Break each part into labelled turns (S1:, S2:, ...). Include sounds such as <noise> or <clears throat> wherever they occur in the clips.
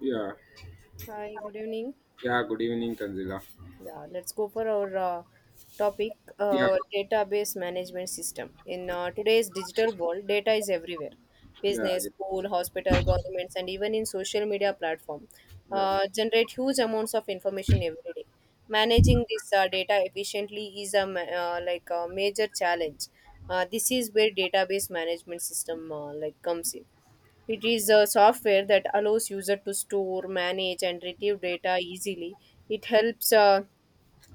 S1: Yeah,
S2: Hi, good evening.
S1: yeah, good evening, Tanzila.
S2: Yeah, let's go for our topic
S1: Yeah,
S2: database management system. In today's digital world, data is everywhere:
S1: yeah,
S2: business,
S1: yeah,
S2: school, hospital, governments, and even in social media platform
S1: yeah.
S2: generate huge amounts of information every day. Managing this data efficiently is like a major challenge. This is where database management system like comes in. It is a software that allows user to store, manage, and retrieve data easily. It helps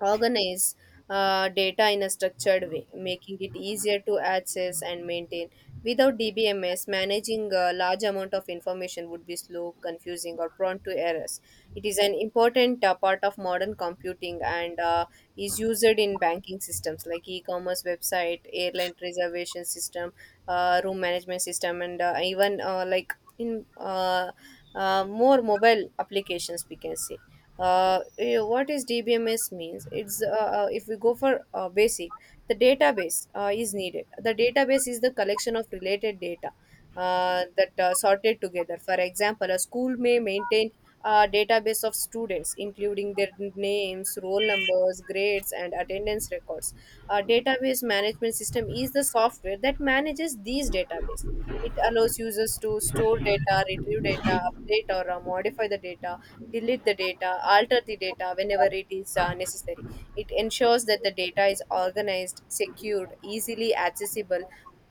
S2: organize data in a structured way, making it easier to access and maintain. Without DBMS, managing a large amount of information would be slow, confusing, or prone to errors. It is an important part of modern computing and is used in banking systems like e-commerce website, airline reservation system, room management system, and even like in more mobile applications, we can say. What is dbms means? It's If we go for basic, the database is needed. The database is the collection of related data that sorted together. For example, a school may maintain database of students, including their names, roll numbers, grades, and attendance records. A database management system is the software that manages these databases. It allows users to store data, retrieve data, update or modify the data, delete the data, alter the data whenever it is necessary. It ensures that the data is organized, secured, easily accessible,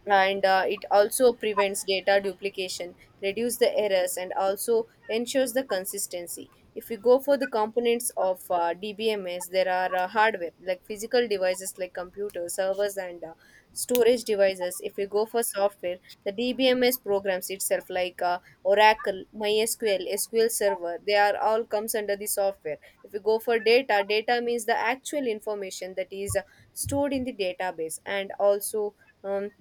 S2: and it also prevents data duplication, reduce the errors, and also ensures the consistency. If we go for the components of dbms, there are hardware like physical devices like computers, servers, and storage devices. If we go for software, the dbms programs itself like oracle, mysql, sql server, they are all comes under the software. If we go for data, data means the actual information that is stored in the database. And also, um,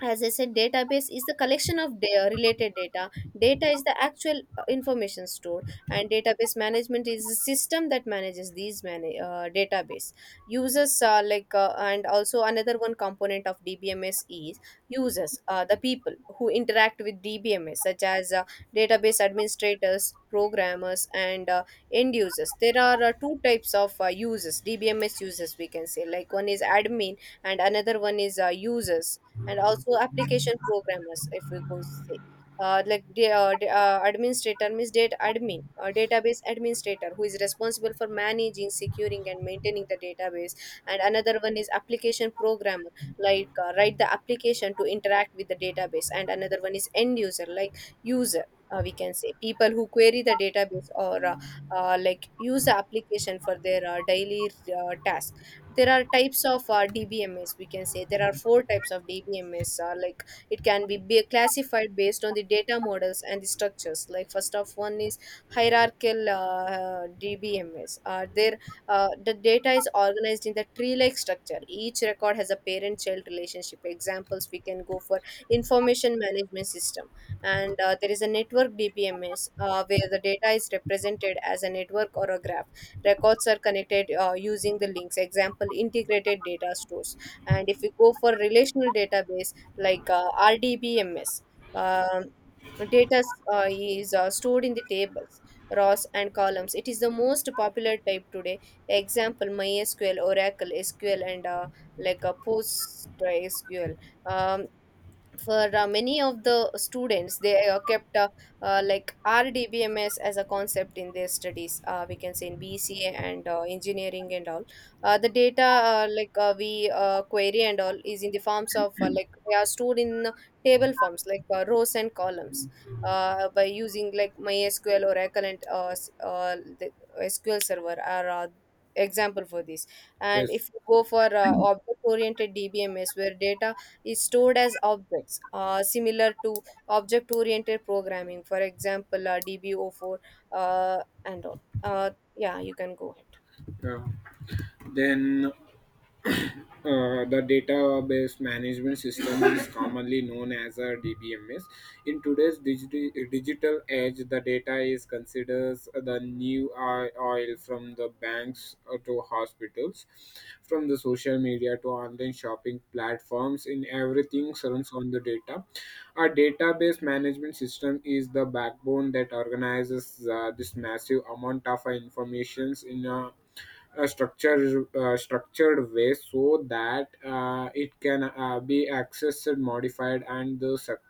S2: as I said, database is the collection of related data, data is the actual information stored, and database management is the system that manages these database. Users are like and also another one component of dbms is users. The people who interact with dbms, such as database administrators, programmers, and end users. There are two types of users, dbms users, we can say, like one is admin and another one is users, and also application programmers. If we go say, administrator means data admin, database administrator, who is responsible for managing, securing, and maintaining the database. And another one is application programmer, like write the application to interact with the database. And another one is end user, like user, we can say people who query the database or like use the application for their daily task. There are types of dbms, we can say there are four types of dbms. Like, it can be classified based on the data models and the structures. Like, first of one is hierarchical dbms. There the data is organized in the tree like structure, each record has a parent child relationship. Examples, we can go for information management system. And there is a network dbms, where the data is represented as a network or a graph, records are connected using the links. Example, integrated data stores. And if we go for relational database, like rdbms, um, data is stored in the tables, rows and columns. It is the most popular type today. Example, mysql, oracle sql, and like a post sql. um, for many of the students, they kept like rdbms as a concept in their studies. We can say in bca and engineering and all. The data we query and all is in the forms of like, they are stored in table forms, like rows and columns, by using like mysql or equivalent the sql server are example for this. And
S1: Yes,
S2: if you go for object oriented dbms, where data is stored as objects, similar to object oriented programming. For example, DBO4 and all. Yeah, you can go ahead.
S1: yeah. Then the database management system is commonly known as a DBMS. In today's digital age, the data is considered the new oil from the banks to hospitals, from the social media to online shopping platforms. In everything surrounds on the data. A database management system is the backbone that organizes this massive amount of information in a structured way so that it can be accessed, modified, and the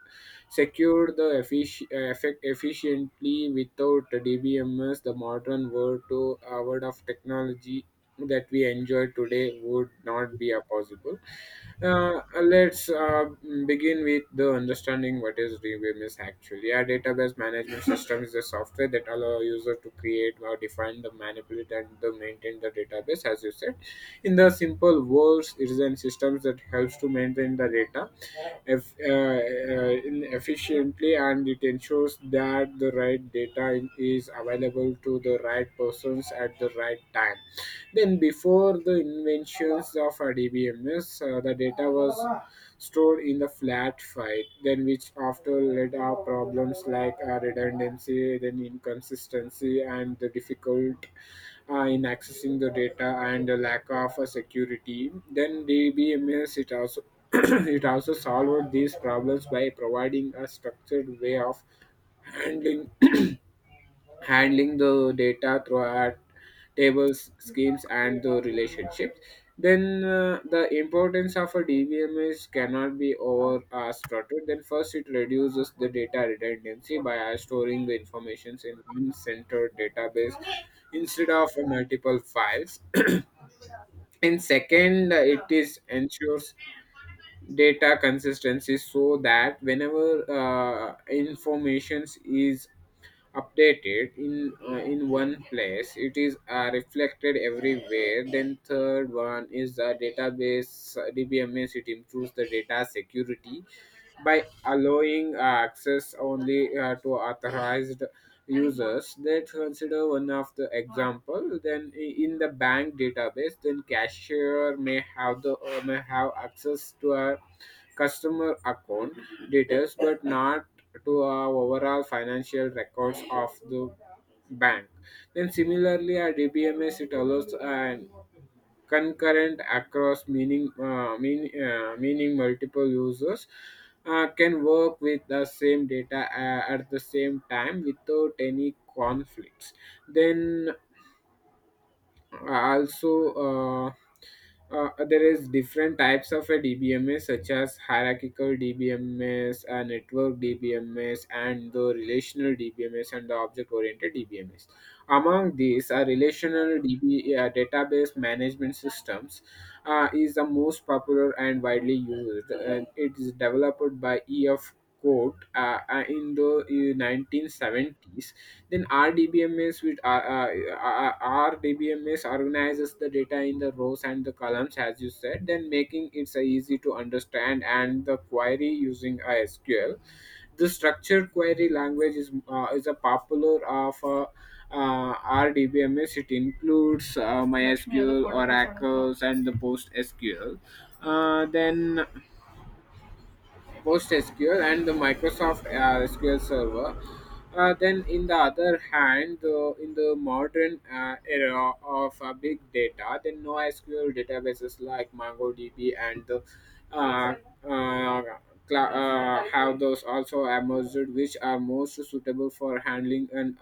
S1: secured the effic- effect efficiently without DBMS. The modern world to world of technology that we enjoy today would not be possible. Let's begin with the understanding what is DBMS actually. A database management <coughs> system is a software that allow user to create or define the manipulate and the maintain the database as you said. In the simple words, it is a system that helps to maintain the data in efficiently, and it ensures that the right data is available to the right persons at the right time. Then, before the inventions of our DBMS, the data was stored in the flat file, then which after led our problems like redundancy, then inconsistency, and the difficult in accessing the data and the lack of security. Then DBMS, it also <clears throat> it also solved these problems by providing a structured way of handling <clears throat> handling the data throughout tables, schemes, and the relationships. Then the importance of a DBMS cannot be over overstrutted. Then first, it reduces the data redundancy by storing the information in one centered database instead of multiple files. And second, it is ensures data consistency so that whenever information is updated in one place, it is reflected everywhere. Then third one is the database DBMS, it improves the data security by allowing access only to authorized users. That consider one of the example, then in the bank database, then cashier may have the may have access to a customer account details but not to our overall financial records of the bank. Then similarly, a DBMS, it allows an concurrent across meaning meaning multiple users can work with the same data at the same time without any conflicts. Then also, there is different types of a DBMS, such as hierarchical DBMS, network DBMS, and the relational DBMS, and the object oriented DBMS. Among these, a relational database management systems is the most popular and widely used, and it is developed by ef code in the 1970s. Then RDBMS organizes the data in the rows and the columns, as you said, then making it so easy to understand and the query using a SQL. The structured query language is a popular of uh, RDBMS. It includes MySQL, Oracles, and the PostSQL. Then PostgreSQL and the Microsoft SQL Server. Then, in the other hand, the, in the modern era of big data, then NoSQL databases like MongoDB and the uh, uh, have those also emerged, which are most suitable for handling an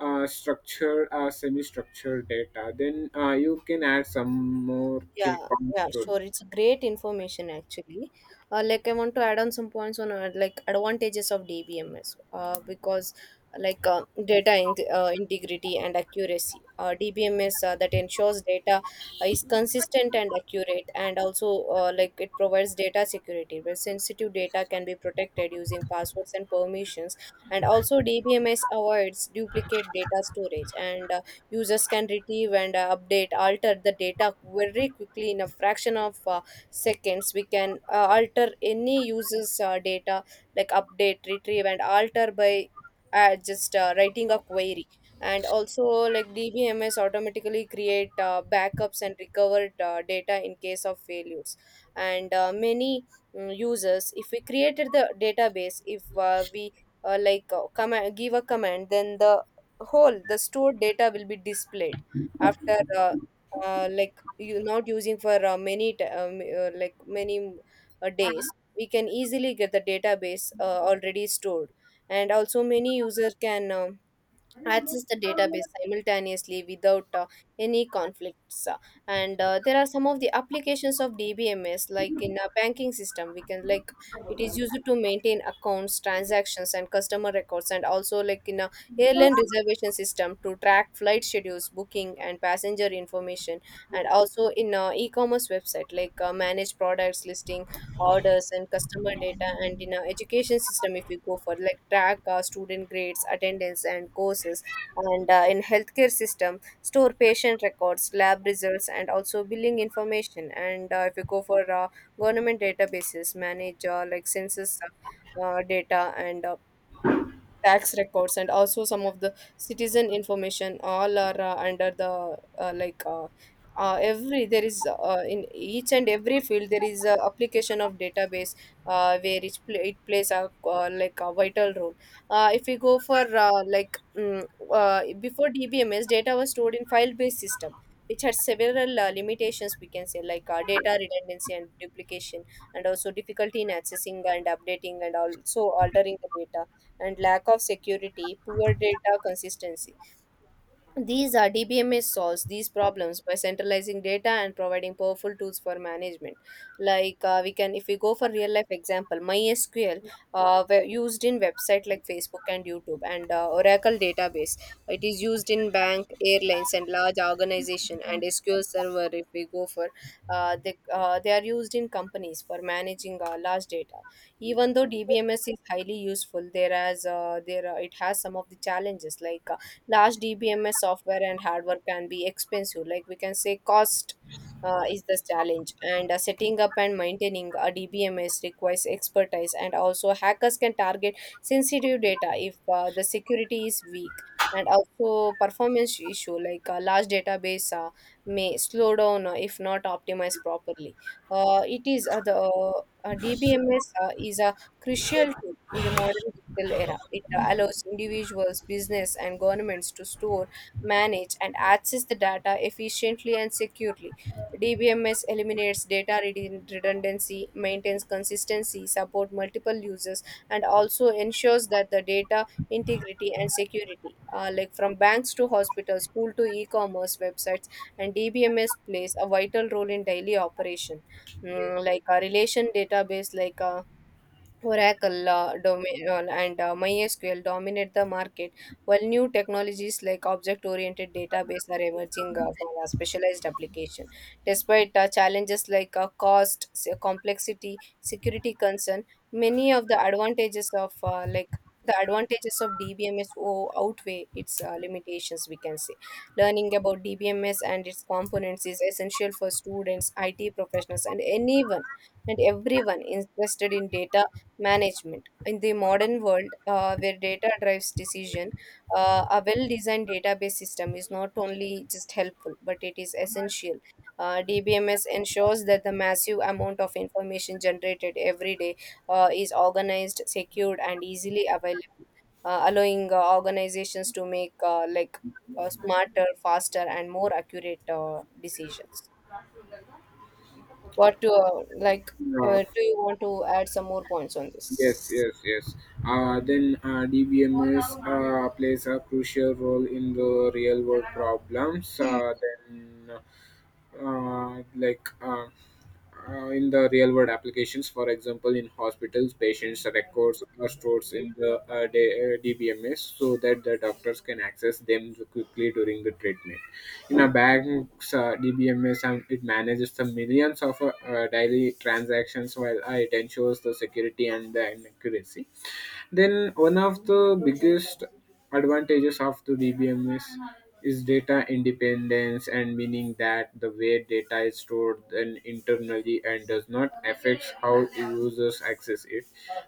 S1: unstructured semi-structured data. Then you can add some more
S2: Yeah,
S1: points
S2: yeah,
S1: to
S2: sure. It's great information actually. Like, I want to add on some points on like advantages of DBMS. Because like data integrity and accuracy. DBMS that ensures data is consistent and accurate, and also like it provides data security where sensitive data can be protected using passwords and permissions. And also DBMS avoids duplicate data storage and users can retrieve and update, alter the data very quickly in a fraction of seconds. We can alter any user's data, like update, retrieve, and alter by just writing a query. And also, like DBMS automatically create backups and recovered data in case of failures. And many users, if we created the database, if we give a command, then the whole the stored data will be displayed after like, you not using for like many days, we can easily get the database already stored. And also many users can access the database simultaneously without any conflicts. Uh, and There are some of the applications of dbms. Like, in a banking system, we can like, it is used to maintain accounts, transactions, and customer records. And also, like in a airline reservation system, to track flight schedules, booking, and passenger information. And also in a e-commerce website, like manage products listing, orders, and customer data. And in our education system, if we go for, like, track our student grades, attendance, and courses. And in healthcare system, store patient records, lab results, and also billing information. And if you go for government databases, manage like census data, and tax records, and also some of the citizen information, all are under the like every there is in each and every field, there is a application of database where it plays a like a vital role. If we go for uh, before dbms, data was stored in file based system, which had several limitations. We can say, like data redundancy and duplication, and also difficulty in accessing and updating and also altering the data, and lack of security, poor data consistency. These are, DBMS solves these problems by centralizing data and providing powerful tools for management. Like we can, if we go for real life example, MySQL were used in website like Facebook and YouTube, and Oracle database. It is used in bank, airlines, and large organization. And SQL Server, if we go for, they are used in companies for managing large data. Even though DBMS is highly useful, there has there it has some of the challenges. Like, large DBMS software and hardware can be expensive. Like, we can say, cost is the challenge, and setting up and maintaining a DBMS requires expertise. And also, hackers can target sensitive data if the security is weak. And also performance issue, like a large database may slow down if not optimized properly. It is the DBMS is a crucial tool in the modern digital era. It allows individuals, business, and governments to store, manage, and access the data efficiently and securely. DBMS eliminates redundancy, maintains consistency, support multiple users, and also ensures that the data integrity and security. Like, from banks to hospitals, school to e-commerce websites, and DBMS plays a vital role in daily operation. Like a relation database, like a Oracle domain, and MySQL dominate the market, while new technologies like object-oriented database are emerging for a specialized application. Despite challenges like cost, complexity, security concern, many of the advantages of like the advantages of DBMS outweigh its limitations, we can say. Learning about DBMS and its components is essential for students, IT professionals, and anyone and everyone interested in data management in the modern world, where data drives decision. A well designed database system is not only just helpful, but it is essential. DBMS ensures that the massive amount of information generated every day is organized, secured, and easily available, allowing organizations to make smarter, faster, and more accurate decisions. What to like
S1: uh,
S2: Do you want to add some more points on
S1: Yes,
S2: this?
S1: yes, yes. Then DBMS plays a crucial role in the real world problems. Uh, like, uh, in the real world applications. For example, in hospitals, patients' records are stored in the DBMS so that the doctors can access them quickly during the treatment. In a bank's DBMS, it manages the millions of daily transactions while it ensures the security and the accuracy. Then one of the biggest advantages of the DBMS is data independence and meaning that the way data is stored then internally and does not affect how users access it.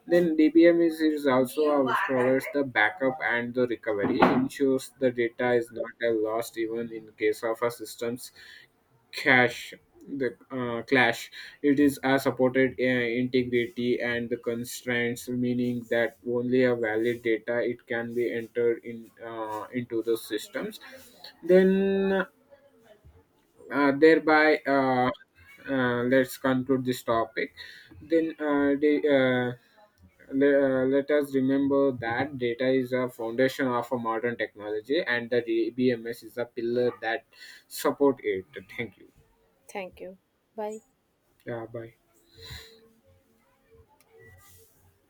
S1: Then DBMS is also provides the backup and the recovery, ensures the data is not a lost even in case of a systems clash. The clash, it is a supported integrity and the constraints, meaning that only a valid data it can be entered in into the systems. Then uh, thereby uh, uh, let's conclude this topic. then uh, the, uh, Let us remember that data is a foundation of a modern technology, and the DBMS is a pillar that support it. Thank you.
S2: Thank you. Bye.
S1: Yeah, bye.